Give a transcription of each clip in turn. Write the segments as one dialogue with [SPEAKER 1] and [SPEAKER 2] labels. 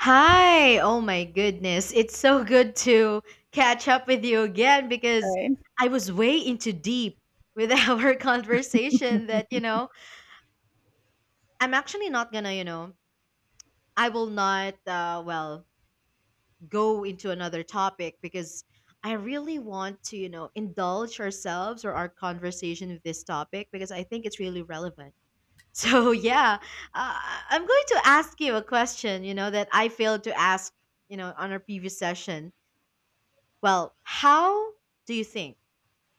[SPEAKER 1] Hi! Oh my goodness. It's so good to catch up with you again
[SPEAKER 2] All
[SPEAKER 1] because
[SPEAKER 2] right.
[SPEAKER 1] I was way into deep with our conversation that, I'm actually not gonna, I will not, well, go into another topic because I really want to, indulge ourselves or our conversation with this topic because I think it's really relevant. So, yeah, uh, I'm going to ask you a question, that I failed to ask, on our previous session. Well, how do you think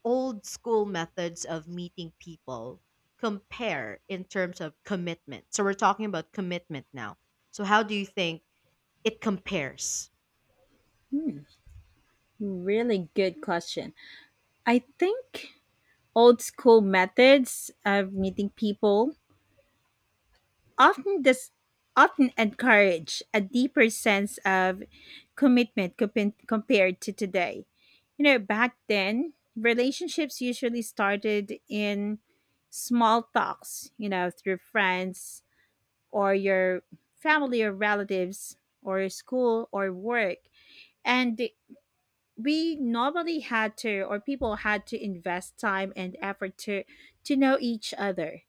[SPEAKER 1] old school methods of meeting people compare in terms of commitment? So we're talking about commitment now. So how do you think it compares?
[SPEAKER 2] Hmm. Really good question. I think old school methods of meeting people often dis- often encourage a deeper sense of commitment compared to today. You know, back then, relationships usually started in small talks, you know, through friends or your family or relatives or school or work. And we normally had to or people had to invest time and effort to know each other.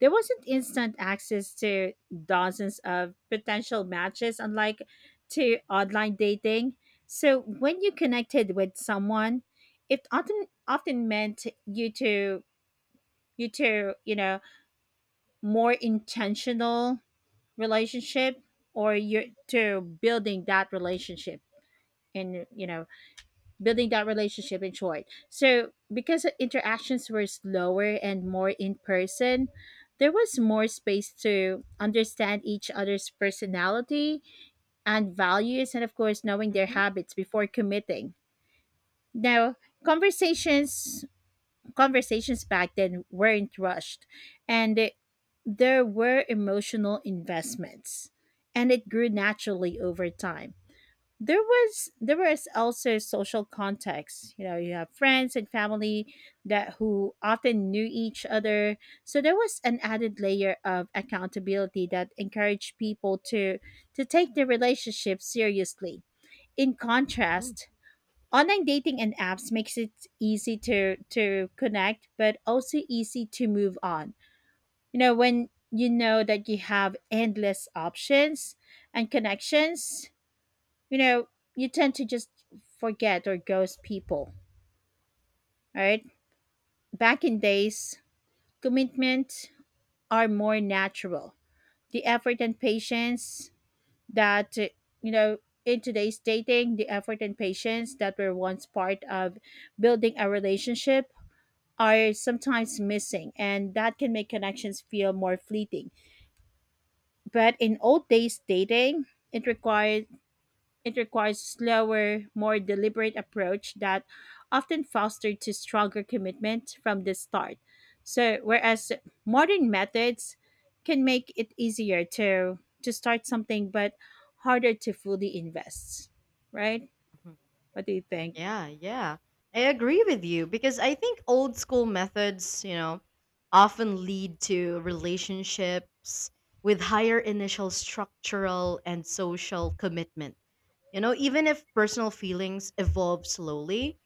[SPEAKER 2] There wasn't instant access to dozens of potential matches, unlike to online dating. So when you connected with someone, it often meant you know, more intentional relationship, or you to building that relationship in, you know, building that relationship in short. So because interactions were slower and more in person, there was more space to understand each other's personality and values, and of course knowing their
[SPEAKER 1] Hmm.
[SPEAKER 2] habits before committing. Now, conversations conversations back then weren't rushed, and there were emotional investments and it grew naturally over time. There was also social context, you know, you have friends and family that who often knew each other, so there was an added layer of accountability that encouraged people to take their relationship seriously. In
[SPEAKER 1] Hmm.
[SPEAKER 2] contrast, online dating and apps makes it easy to connect but also easy to move on. You know, when you know that you have endless options and connections, you know, you tend to just forget or ghost people, right? Back in days, commitment are more natural. The effort and patience that, you know, in today's dating, the effort and patience that were once part of building a relationship are sometimes missing, and that can make connections feel more fleeting. But in old days dating, it required It requires slower, more deliberate approach that often fosters to stronger commitment from the start. So whereas modern methods can make it easier to start something but harder to fully invest. Right? What do you think?
[SPEAKER 1] Yeah, yeah. I agree with you because I think old school methods, often lead to relationships with higher initial structural and social commitment. Even if personal feelings evolve slowly,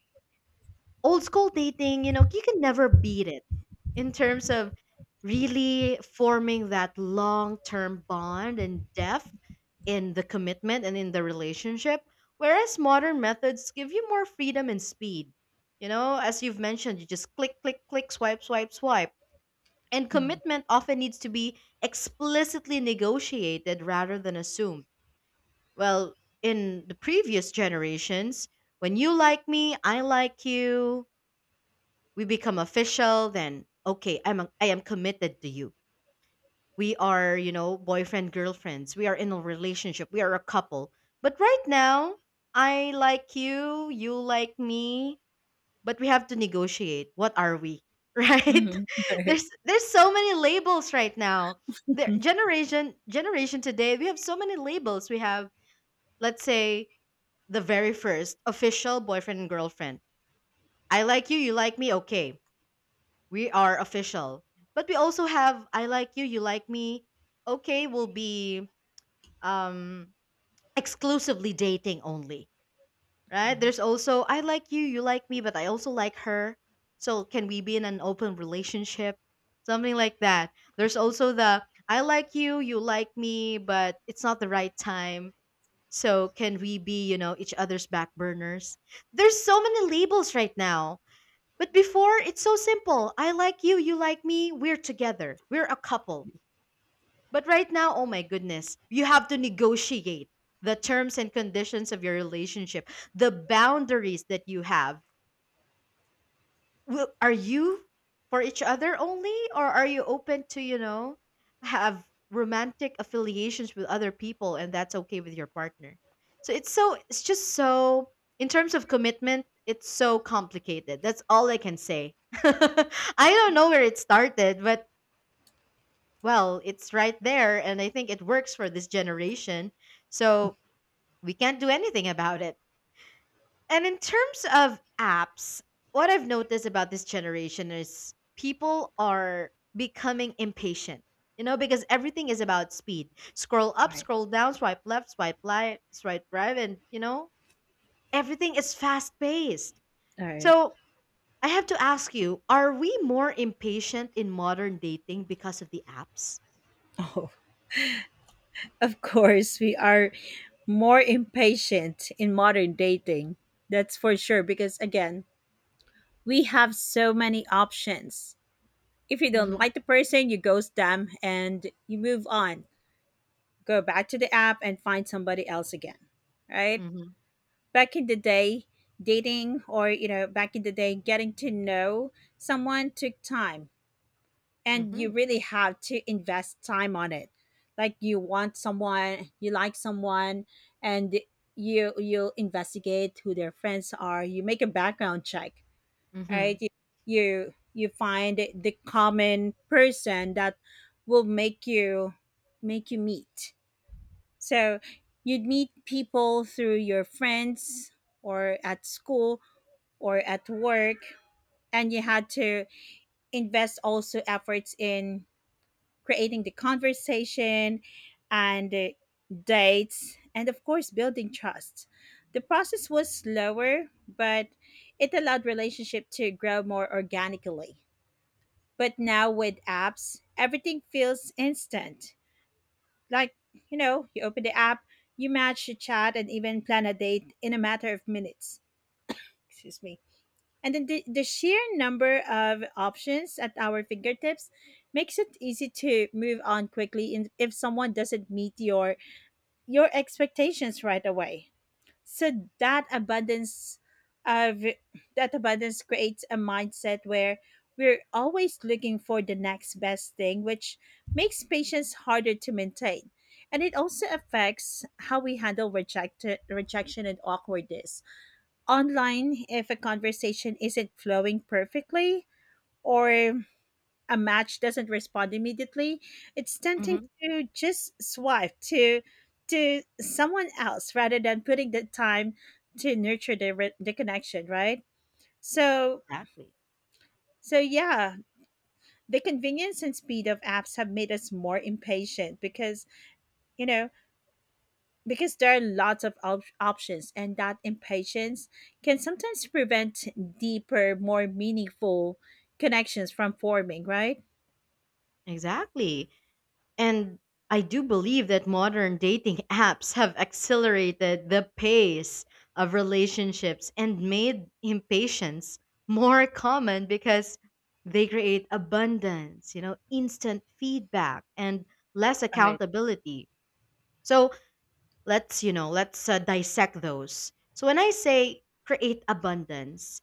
[SPEAKER 1] old school dating, you can never beat it in terms of really forming that long term bond and depth in the commitment and in the relationship. Whereas modern methods give you more freedom and speed. As you've mentioned, you just click, click, click, swipe, swipe, swipe. And
[SPEAKER 2] Mm-hmm.
[SPEAKER 1] commitment often needs to be explicitly negotiated rather than assumed. Well, in the previous generations, when you like me, I like you, we become official. Then okay, I am committed to you. We are, boyfriend girlfriends, we are in a relationship, we are a couple. But right now, I like you like me, but we have to negotiate what are we, right?
[SPEAKER 2] Mm-hmm. All right.
[SPEAKER 1] There's so many labels right now. The generation today, we have so many labels. We have, let's say, the very first official boyfriend and girlfriend. I like you like me, okay, we are official. But we also have I like you like me. Okay, will be um exclusively dating only, right? There's also I like you like me, but I also like her. So can we be in an open relationship? Something like that. There's also the I like you like me, but it's not the right time. So can we be, each other's back burners? There's so many labels right now, but before, it's so simple. I like you like me, we're together. We're a couple. But right now, oh my goodness, you have to negotiate the terms and conditions of your relationship, the boundaries that you have. Well, are you for each other only, or are you open to, have romantic affiliations with other people, and that's okay with your partner? So in terms of commitment, it's so complicated. That's all I can say. I don't know where it started, but well, it's right there. And I think it works for this generation. So we can't do anything about it. And in terms of apps, what I've noticed about this generation is people are becoming impatient, because everything is about speed. Scroll
[SPEAKER 2] All
[SPEAKER 1] up,
[SPEAKER 2] right.
[SPEAKER 1] scroll down, swipe left, swipe right, and, everything is fast paced.
[SPEAKER 2] All right.
[SPEAKER 1] So I have to ask you, are we more impatient in modern dating because of the apps?
[SPEAKER 2] Oh, of course, we are more impatient in modern dating. That's for sure. Because again, we have so many options. If you don't
[SPEAKER 1] Mm-hmm.
[SPEAKER 2] like the person, you ghost them and you move on. Go back to the app and find somebody else again. Right?
[SPEAKER 1] Mm-hmm.
[SPEAKER 2] Back in the day, dating, or you know, back in the day getting to know someone took time, and
[SPEAKER 1] Mm-hmm.
[SPEAKER 2] you really have to invest time on it. Like you want someone, you like someone, and you'll investigate who their friends are, you make a background check, right?
[SPEAKER 1] Mm-hmm.
[SPEAKER 2] You find the common person that will make you meet, so you'd meet people through your friends or at school or at work. And you had to invest also efforts in creating the conversation and dates, and of course building trust. The process was slower, but it allowed relationship to grow more organically. But now with apps, everything feels instant. Like, you know, you open the app, you match the chat, and even plan a date in a matter of minutes. Excuse me. And then the sheer number of options at our fingertips makes it easy to move on quickly in, if someone doesn't meet your expectations right away. So of that abundance creates a mindset where we're always looking for the next best thing, which makes patience harder to maintain. And it also affects how we handle rejection and awkwardness online. If a conversation isn't flowing perfectly, or a match doesn't respond immediately, it's tempting
[SPEAKER 1] Mm-hmm.
[SPEAKER 2] to just swipe to someone else rather than putting the time to nurture the connection, right? So
[SPEAKER 1] Exactly.
[SPEAKER 2] so yeah, the convenience and speed of apps have made us more impatient because, you know, because there are lots of options, and that impatience can sometimes prevent deeper, more meaningful connections from forming, right?
[SPEAKER 1] Exactly. And I do believe that modern dating apps have accelerated the pace of relationships and made impatience more common because they create abundance, instant feedback and less accountability. So let's dissect those. So when I say create abundance,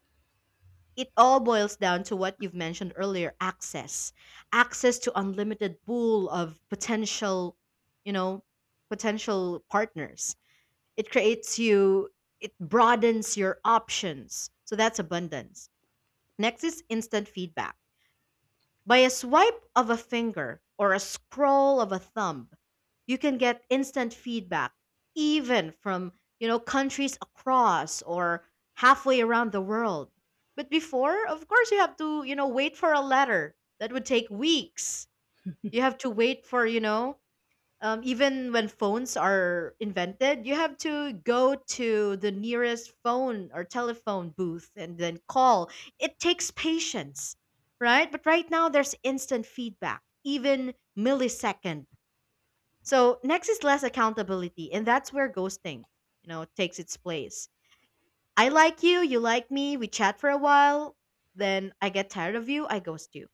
[SPEAKER 1] it all boils down to what you've mentioned earlier, access to unlimited pool of potential, you know potential partners. it creates you it broadens your options, so that's abundance. Next is instant feedback. By a swipe of a finger or a scroll of a thumb, you can get instant feedback, even from, countries across or halfway around the world. But before, of course, you have to, wait for a letter that would take weeks. You have to wait for, even when phones are invented, you have to go to the nearest phone or telephone booth and then call. It takes patience, right? But right now, there's instant feedback, even millisecond. So next is less accountability, and that's where ghosting, takes its place. I like you like me, we chat for a while, then I get tired of you, I ghost you.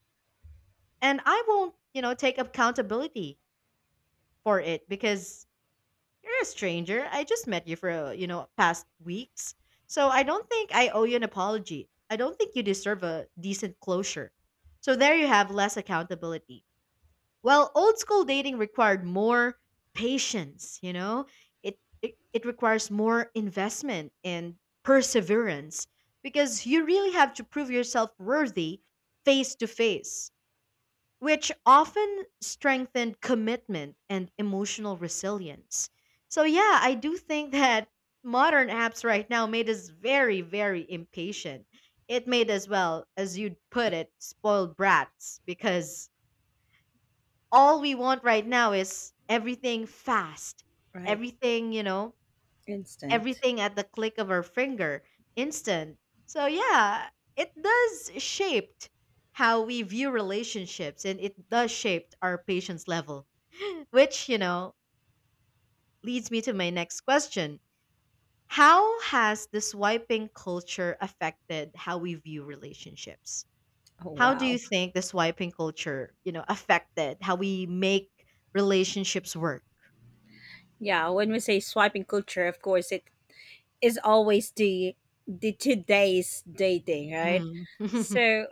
[SPEAKER 1] And I won't, take accountability for it, because you're a stranger. I just met you for, past weeks. So I don't think I owe you an apology. I don't think you deserve a decent closure. So there you have less accountability. Well, old school dating required more patience, you know? It requires more investment and perseverance, because you really have to prove yourself worthy face to face, which often strengthened commitment and emotional resilience. So, yeah, I do think that modern apps right now made us very, very impatient. It made us, well, as you'd put it, spoiled brats, because all we want right now is everything fast,
[SPEAKER 2] Right.
[SPEAKER 1] everything,
[SPEAKER 2] Instant.
[SPEAKER 1] everything at the click of our finger, instant. So yeah, it does shaped how we view relationships, and it does shape our patience level. Which, leads me to my next question. How has the swiping culture affected how we view relationships?
[SPEAKER 2] Oh
[SPEAKER 1] How do you
[SPEAKER 2] wow.
[SPEAKER 1] think the swiping culture, affected how we make relationships work?
[SPEAKER 2] Yeah, when we say swiping culture, of course, it is always the today's dating, right?
[SPEAKER 1] Mm-hmm.
[SPEAKER 2] So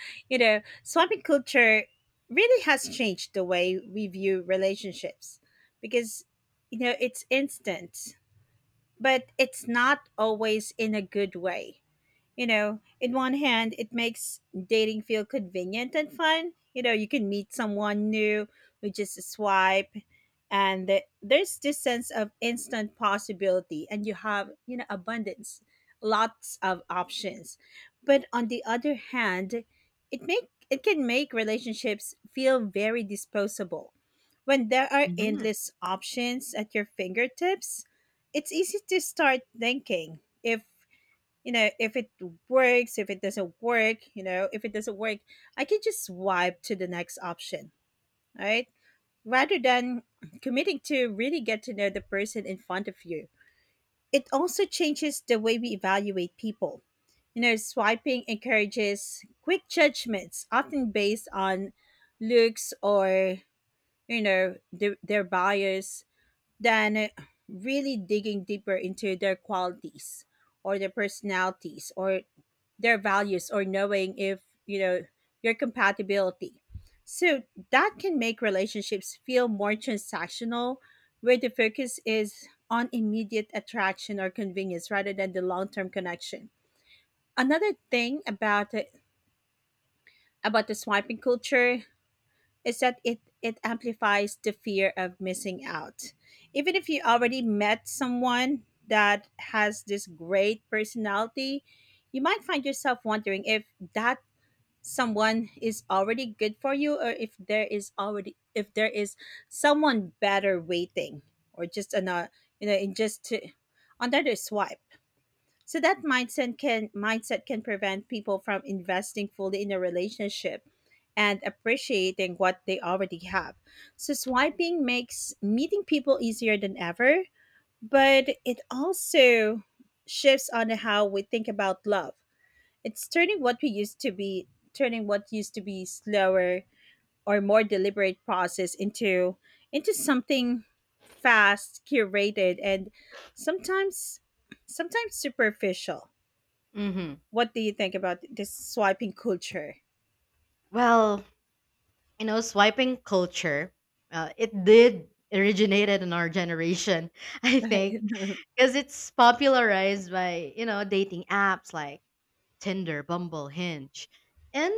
[SPEAKER 2] you know, swiping culture really has changed the way we view relationships because, you know, it's instant, but it's not always in a good way. You know, in one hand, it makes dating feel convenient and fun. You know, you can meet someone new with just a swipe, and there's this sense of instant possibility, and you have, you know, abundance, lots of options. But on the other hand, it can make relationships feel very disposable. When there are endless options at your fingertips, it's easy to start thinking if, you know, if it works if it doesn't work you know if it doesn't work, I can just swipe to the next option, right? Rather than committing to really get to know the person in front of you. It also changes the way we evaluate people. You know, swiping encourages quick judgments, often based on looks or, you know, their bias than really digging deeper into their qualities or their personalities or their values, or knowing if, you know, your compatibility. So that can make relationships feel more transactional, where the focus is on immediate attraction or convenience rather than the long-term connection. Another thing about it, about the swiping culture, is that it amplifies the fear of missing out. Even if you already met someone that has this great personality, you might find yourself wondering if that someone is already good for you, or if there is someone better waiting, or just another, you know, another swipe. So that mindset can prevent people from investing fully in a relationship and appreciating what they already have. So swiping makes meeting people easier than ever, but it also shifts on how we think about love. It's turning what we used to be turning what used to be slower or more deliberate process into something fast, curated, and sometimes sometimes superficial.
[SPEAKER 1] Hmm.
[SPEAKER 2] What do you think about this swiping culture?
[SPEAKER 1] Well, swiping culture, it did originated in our generation, I think, because it's popularized by, dating apps like Tinder, Bumble, Hinge, and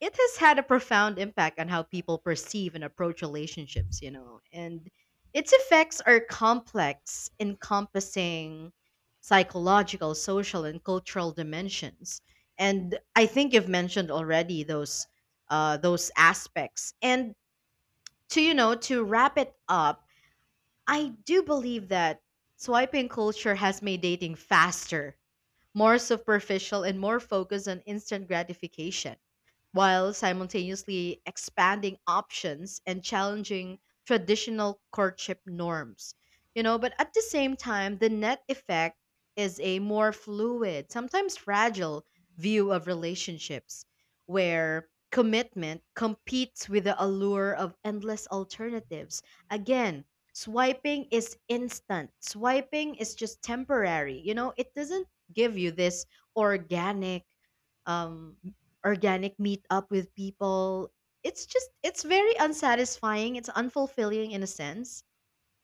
[SPEAKER 1] it has had a profound impact on how people perceive and approach relationships, and its effects are complex, encompassing psychological, social, and cultural dimensions. And I think you've mentioned already those, those aspects. And to you know to wrap it up, I do believe that swiping culture has made dating faster, more superficial, and more focused on instant gratification, while simultaneously expanding options and challenging traditional courtship norms. But at the same time, the net effect is a more fluid, sometimes fragile view of relationships, where commitment competes with the allure of endless alternatives. Again, swiping is instant, swiping is just temporary, it doesn't give you this organic, um organic meet up with people. It's just it's very unsatisfying, it's unfulfilling in a sense,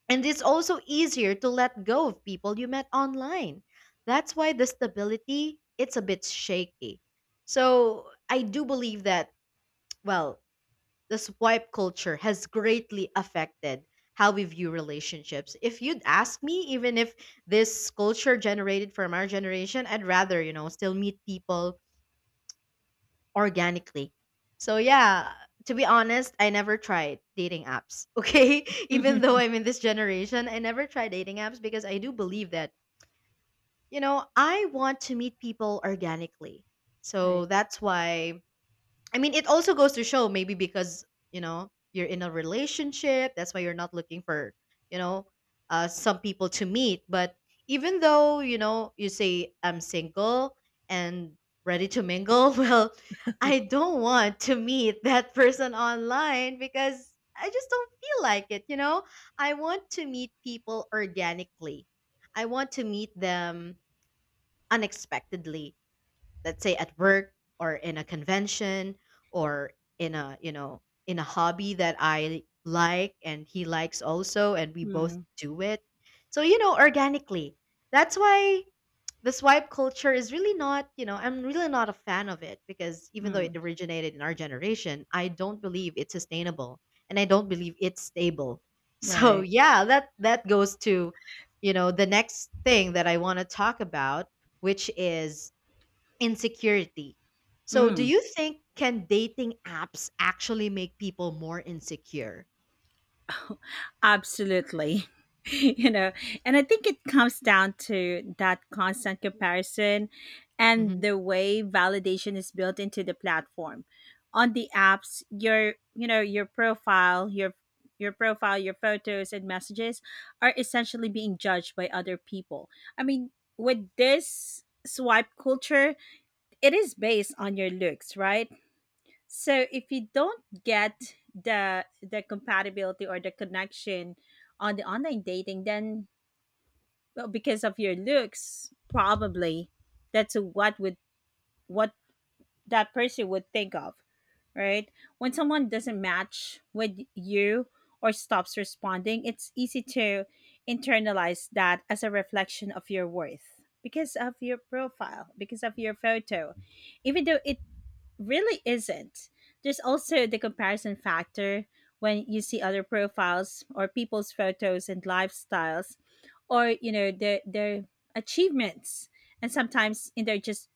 [SPEAKER 1] and it's also easier to let go of people you met online. That's why the stability it's a bit shaky. So I do believe that, well, the swipe culture has greatly affected how we view relationships. If you'd ask me, even if this culture generated from our generation, I'd rather, still meet people organically. So, yeah, to be honest, I never tried dating apps, okay? Even
[SPEAKER 2] Right.
[SPEAKER 1] though I'm in this generation, I never tried dating apps because I do believe that, I want to meet people organically.
[SPEAKER 2] Right.
[SPEAKER 1] So, that's why, I mean, it also goes to show maybe because, you're in a relationship. That's why you're not looking for, you know, some people to meet. But even though, you say, I'm single and ready to mingle, well, I don't want to meet that person online because I just don't feel like it, you know? I want to meet people organically, I want to meet them unexpectedly, let's say at work, or in a convention, or in a you know in a hobby that I like and he likes also, and we both
[SPEAKER 2] Mm,
[SPEAKER 1] do it. So, organically. That's why the swipe culture is really not, I'm really not a fan of it, because even though
[SPEAKER 2] mm,
[SPEAKER 1] it originated in our generation, I don't believe it's sustainable, and I don't believe it's stable. So
[SPEAKER 2] right.
[SPEAKER 1] yeah, that goes to, the next thing that I want to talk about, which is insecurity. So, do
[SPEAKER 2] Mm,
[SPEAKER 1] you think can dating apps actually make people more insecure?
[SPEAKER 2] absolutely. You know, and I think it comes down to that constant comparison and
[SPEAKER 1] Mhm.
[SPEAKER 2] the way validation is built into the platform. On the apps, your profile, your photos, and messages are essentially being judged by other people. I mean, with this swipe culture, it is based on your looks, right? So if you don't get the compatibility or the connection on the online dating, then well, because of your looks, probably that's what that person would think of, right? When someone doesn't match with you or stops responding, it's easy to internalize that as a reflection of your worth because of your profile, because of your photo, even though it really isn't. There's also the comparison factor. When you see other profiles or people's photos and lifestyles, or, you know, their achievements, and sometimes in their just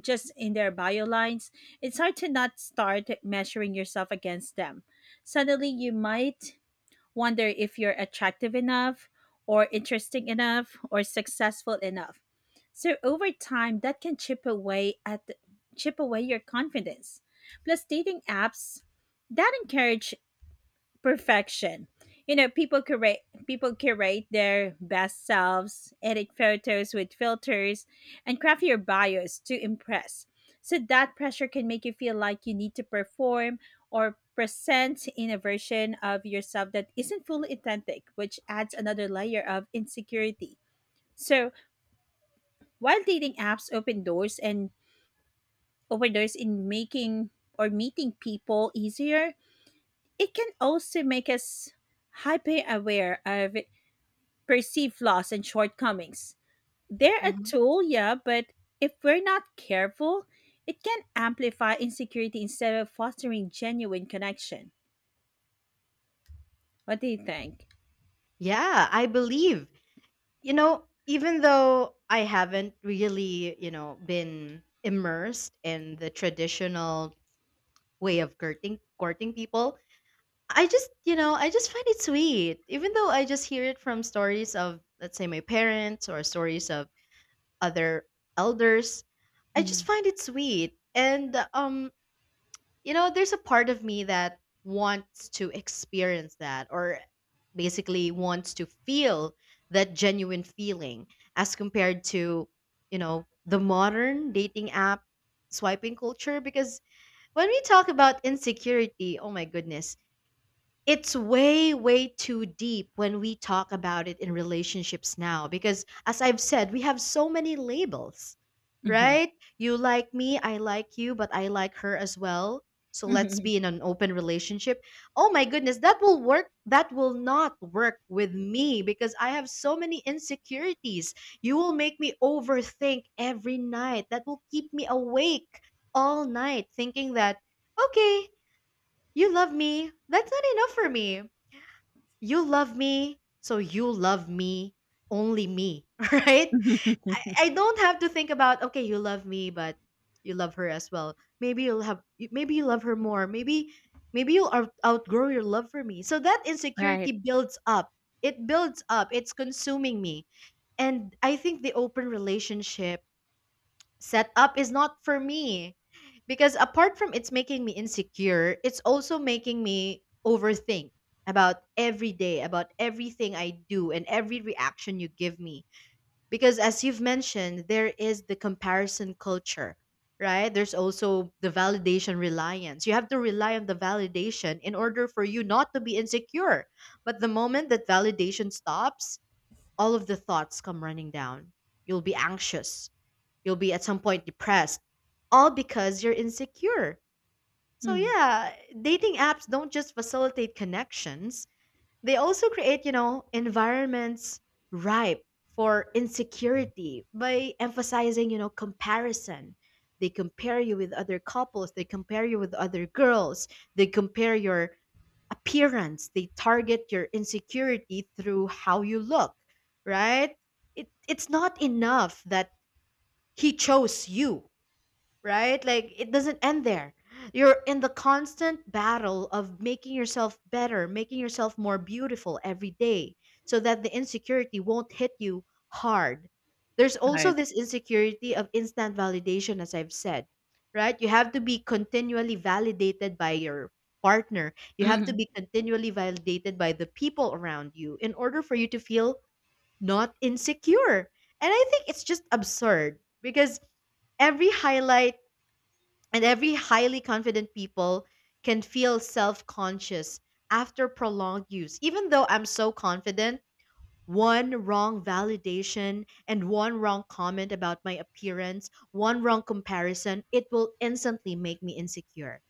[SPEAKER 2] just in their bio lines, it's hard to not start measuring yourself against them. Suddenly you might wonder if you're attractive enough or interesting enough or successful enough. So over time that can chip away your confidence. Plus dating apps that encourage perfection. You know, people curate their best selves, edit photos with filters, and craft your bios to impress. So that pressure can make you feel like you need to perform or present in a version of yourself that isn't fully authentic, which adds another layer of insecurity. So while dating apps open doors in making or meeting people easier, it can also make us hyper aware of perceive flaws and shortcomings. They're a
[SPEAKER 1] Mhm.
[SPEAKER 2] tool, yeah, but if we're not careful, it can amplify insecurity instead of fostering genuine connection. What do you think?
[SPEAKER 1] Yeah, I believe. You know, even though I haven't really, been immersed in the traditional way of courting people, I just, I just find it sweet. Even though I just hear it from stories of, let's say, my parents, or stories of other elders, I just find it sweet. And there's a part of me that wants to experience that, or basically wants to feel that genuine feeling as compared to, the modern dating app swiping culture. Because when we talk about insecurity, oh my goodness, it's way too deep when we talk about it in relationships now because as I've said, we have so many labels,
[SPEAKER 2] Mm-hmm.
[SPEAKER 1] right? You like me, I like you, but I like her as well, so let's
[SPEAKER 2] Mhm.
[SPEAKER 1] be in an open relationship. Oh my goodness, that will work, that will not work with me, because I have so many insecurities. You will make me overthink every night, that will keep me awake all night thinking that, okay, you love me, that's not enough for me. You love me, so you love me, only me, right? I don't have to think about, okay, you love me, but you love her as well. Maybe you'll have, maybe you love her more. Maybe you'll outgrow your love for me. So that
[SPEAKER 2] Right.
[SPEAKER 1] insecurity builds up. It builds up. It's consuming me. And I think the open relationship setup is not for me, because apart from it's making me insecure, it's also making me overthink about every day, about everything I do and every reaction you give me. Because as you've mentioned, there is the comparison culture, right? There's also the validation reliance. You have to rely on the validation in order for you not to be insecure. But the moment that validation stops, all of the thoughts come running down. You'll be anxious. You'll be at some point depressed, all because you're insecure. So,
[SPEAKER 2] Mm.
[SPEAKER 1] yeah, dating apps don't just facilitate connections, they also create, environments ripe for insecurity by emphasizing, comparison. They compare you with other couples, they compare you with other girls, they compare your appearance, they target your insecurity through how you look, right? It's not enough that he chose you, right? Like, it doesn't end there. You're in the constant battle of making yourself better, making yourself more beautiful every day so that the insecurity won't hit you hard. There's also
[SPEAKER 2] Right.
[SPEAKER 1] this insecurity of instant validation, as I've said, right? You have to be continually validated by your partner, you have to be continually validated by the people around you in order for you to feel not insecure. And I think it's just absurd because every highlight and every highly confident people can feel self-conscious after prolonged use. Even though I'm so confident, one wrong validation and one wrong comment about my appearance, one wrong comparison, it will instantly make me insecure,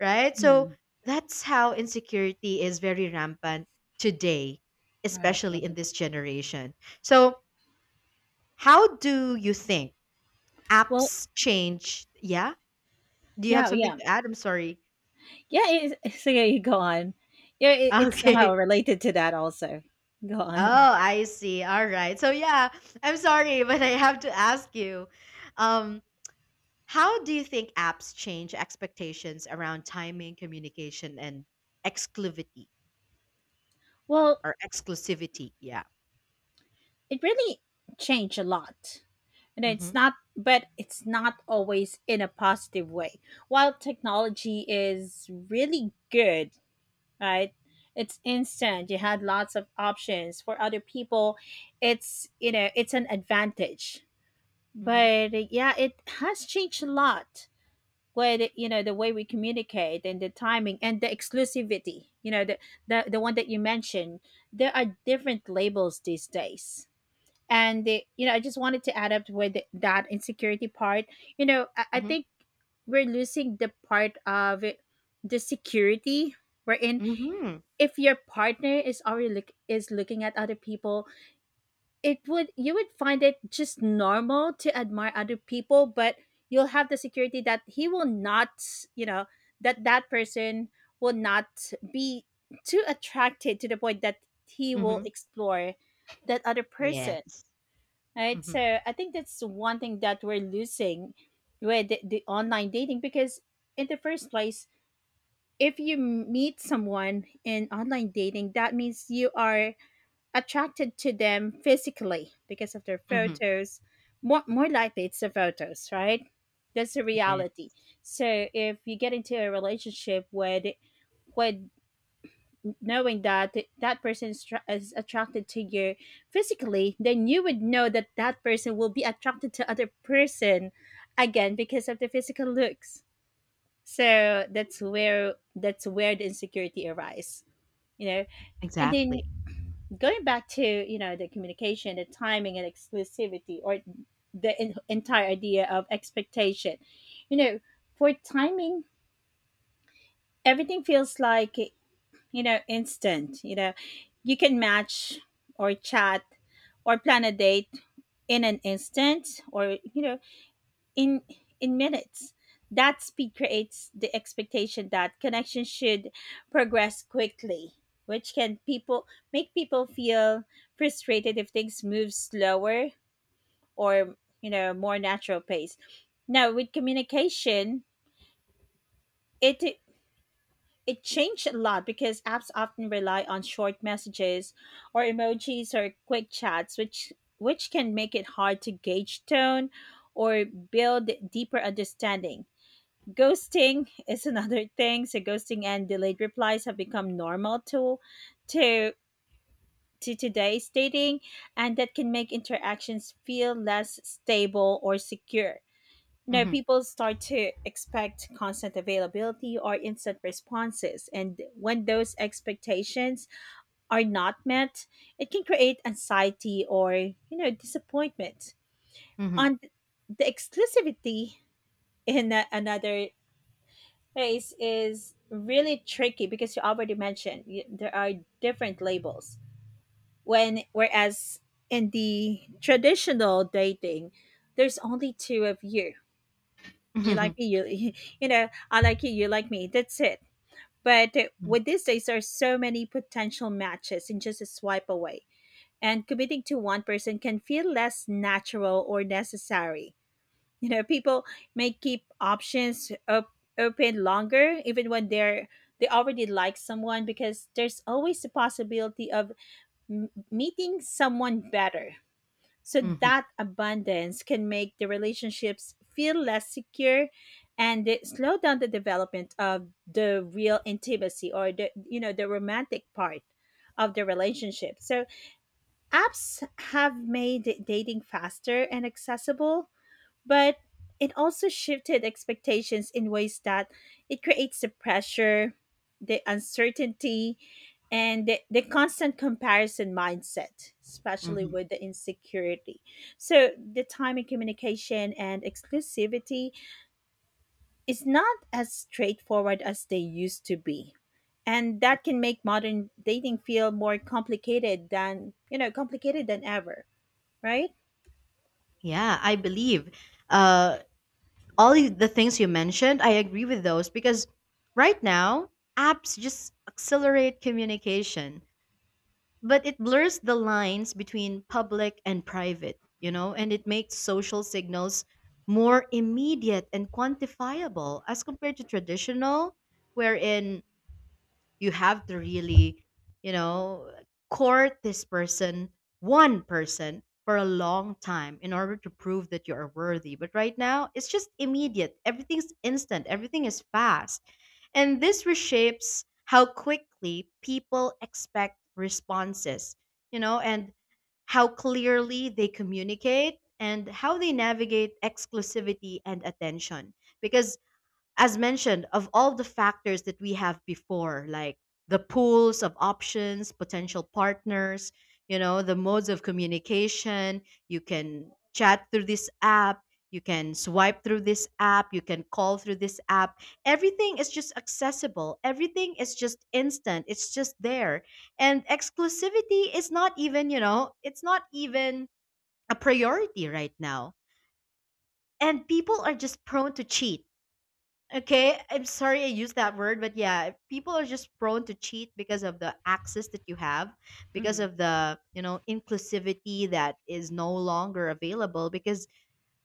[SPEAKER 1] right? So
[SPEAKER 2] Mm-hmm.
[SPEAKER 1] that's how insecurity is very rampant today,
[SPEAKER 2] Right.
[SPEAKER 1] especially in
[SPEAKER 2] Right.
[SPEAKER 1] this generation. So, how do you think
[SPEAKER 2] Well,
[SPEAKER 1] apps change? Yeah, do you have
[SPEAKER 2] yeah,
[SPEAKER 1] something
[SPEAKER 2] yeah,
[SPEAKER 1] to add? I'm sorry.
[SPEAKER 2] yeah. It's, so yeah, you go on. Yeah, it's somehow
[SPEAKER 1] Okay.
[SPEAKER 2] related to that also. Go
[SPEAKER 1] Oh,
[SPEAKER 2] on.
[SPEAKER 1] I see. All right. So yeah, I'm sorry, but I have to ask you, um, how do you think apps change expectations around timing, communication, and exclusivity
[SPEAKER 2] Well,
[SPEAKER 1] or exclusivity? Yeah.
[SPEAKER 2] it really changed a lot. And
[SPEAKER 1] Mm-hmm.
[SPEAKER 2] it's not always in a positive way. While technology is really good, right, it's instant, you had lots of options for other people. It's, you know, it's an advantage.
[SPEAKER 1] Mm-hmm.
[SPEAKER 2] But yeah, it has changed a lot with, you know, the way we communicate, and the timing and the exclusivity, you know, the one that you mentioned. There are different labels these days, and they, you know, I just wanted to add up with that insecurity part. You know, I
[SPEAKER 1] Mm-hmm.
[SPEAKER 2] think we're losing the part of it, the security we're in.
[SPEAKER 1] Mm-hmm.
[SPEAKER 2] If your partner is already looking at other people, it would, you would find it just normal to admire other people, but you'll have the security that he will not, you know, that that person will not be too attracted to the point that he will
[SPEAKER 1] Mm-hmm.
[SPEAKER 2] explore that other person,
[SPEAKER 1] Yes.
[SPEAKER 2] right?
[SPEAKER 1] Mm-hmm.
[SPEAKER 2] So I think that's one thing that we're losing with the online dating. Because in the first place, if you meet someone in online dating, that means you are attracted to them physically because of their
[SPEAKER 1] Mm-hmm.
[SPEAKER 2] photos. More likely it's the photos, right? That's the
[SPEAKER 1] Yeah.
[SPEAKER 2] reality. So if you get into a relationship with knowing that that person is, is attracted to you physically, then you would know that that person will be attracted to other person again because of the physical looks. So that's where the insecurity arises, you know. And then
[SPEAKER 1] Exactly.
[SPEAKER 2] going back to, you know, the communication, the timing, and exclusivity, or the entire idea of expectation. You know, for timing, everything feels like, you know, instant. You know, you can match or chat or plan a date in an instant, or, you know, in in minutes. That speed creates the expectation that connection should progress quickly, which can people make people feel frustrated if things move slower or, you know, more natural pace. Now, with communication, it It changed a lot because apps often rely on short messages or emojis or quick chats, which can make it hard to gauge tone or build deeper understanding. Ghosting is another thing. So ghosting and delayed replies have become normal to to today's dating, and that can make interactions feel less stable or secure. Now
[SPEAKER 1] Mm-hmm.
[SPEAKER 2] people start to expect constant availability or instant responses. And when those expectations are not met, it can create anxiety or, you know, disappointment.
[SPEAKER 1] Mm-hmm.
[SPEAKER 2] On the exclusivity in another place is really tricky because you already mentioned there are different labels. When Whereas in the traditional dating, there's only two of you. You
[SPEAKER 1] Mm-hmm.
[SPEAKER 2] like me, you you know, I like you like me, that's it. But with these days there are so many potential matches in just a swipe away, and committing to one person can feel less natural or necessary. You know, people may keep options open longer even when they already like someone, because there's always the possibility of meeting someone better. So
[SPEAKER 1] Mm-hmm.
[SPEAKER 2] that abundance can make the relationships feel less secure, and it slow down the development of the real intimacy, or the, you know, the romantic part of the relationship. So apps have made dating faster and accessible, but it also shifted expectations in ways that it creates the pressure, the uncertainty, and the constant comparison mindset, especially
[SPEAKER 1] Mm-hmm.
[SPEAKER 2] with the insecurity. So, the time in communication and exclusivity is not as straightforward as they used to be. And that can make modern dating feel more complicated than, you know, complicated than ever, right?
[SPEAKER 1] Yeah, I believe. Uh, all the things you mentioned, I agree with those because right now, apps just accelerate communication, but it blurs the lines between public and private, you know, and it makes social signals more immediate and quantifiable as compared to traditional, wherein you have to really, you know, court this person, one person for a long time in order to prove that you are worthy. But right now it's just immediate, everything's instant, everything is fast. And this reshapes how quickly people expect responses, you know, and how clearly they communicate and how they navigate exclusivity and attention. Because as mentioned, of all the factors that we have before, like the pools of options, potential partners, you know, the modes of communication, you can chat through this app, you can swipe through this app, you can call through this app. Everything is just accessible, everything is just instant, it's just there. And exclusivity is not even, you know, it's not even a priority right now. And people are just prone to cheat. Okay, I'm sorry I used that word, but yeah, people are just prone to cheat because of the access that you have, because
[SPEAKER 2] Hmm.
[SPEAKER 1] of the, you know, inclusivity that is no longer available because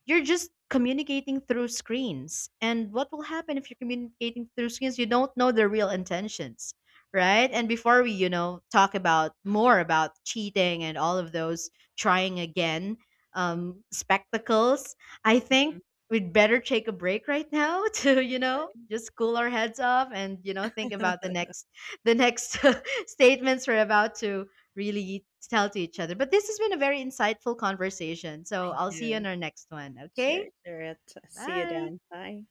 [SPEAKER 1] you're just communicating through screens. And what will happen if you're communicating through screens? You don't know their real intentions, right? And before we, you know, talk about more about cheating and all of those, trying again, spectacles, I
[SPEAKER 2] Hmm.
[SPEAKER 1] think we'd better take a break right now to, you know, just cool our heads off and, you know, think about the
[SPEAKER 2] Right.
[SPEAKER 1] next, the next statements we're about to really tell to each other. But this has been a very insightful conversation. So I'll see you
[SPEAKER 2] Yeah.
[SPEAKER 1] in our next one.
[SPEAKER 2] Sure,
[SPEAKER 1] Okay?
[SPEAKER 2] sure. It's, see you
[SPEAKER 1] Bye.
[SPEAKER 2] then. Bye.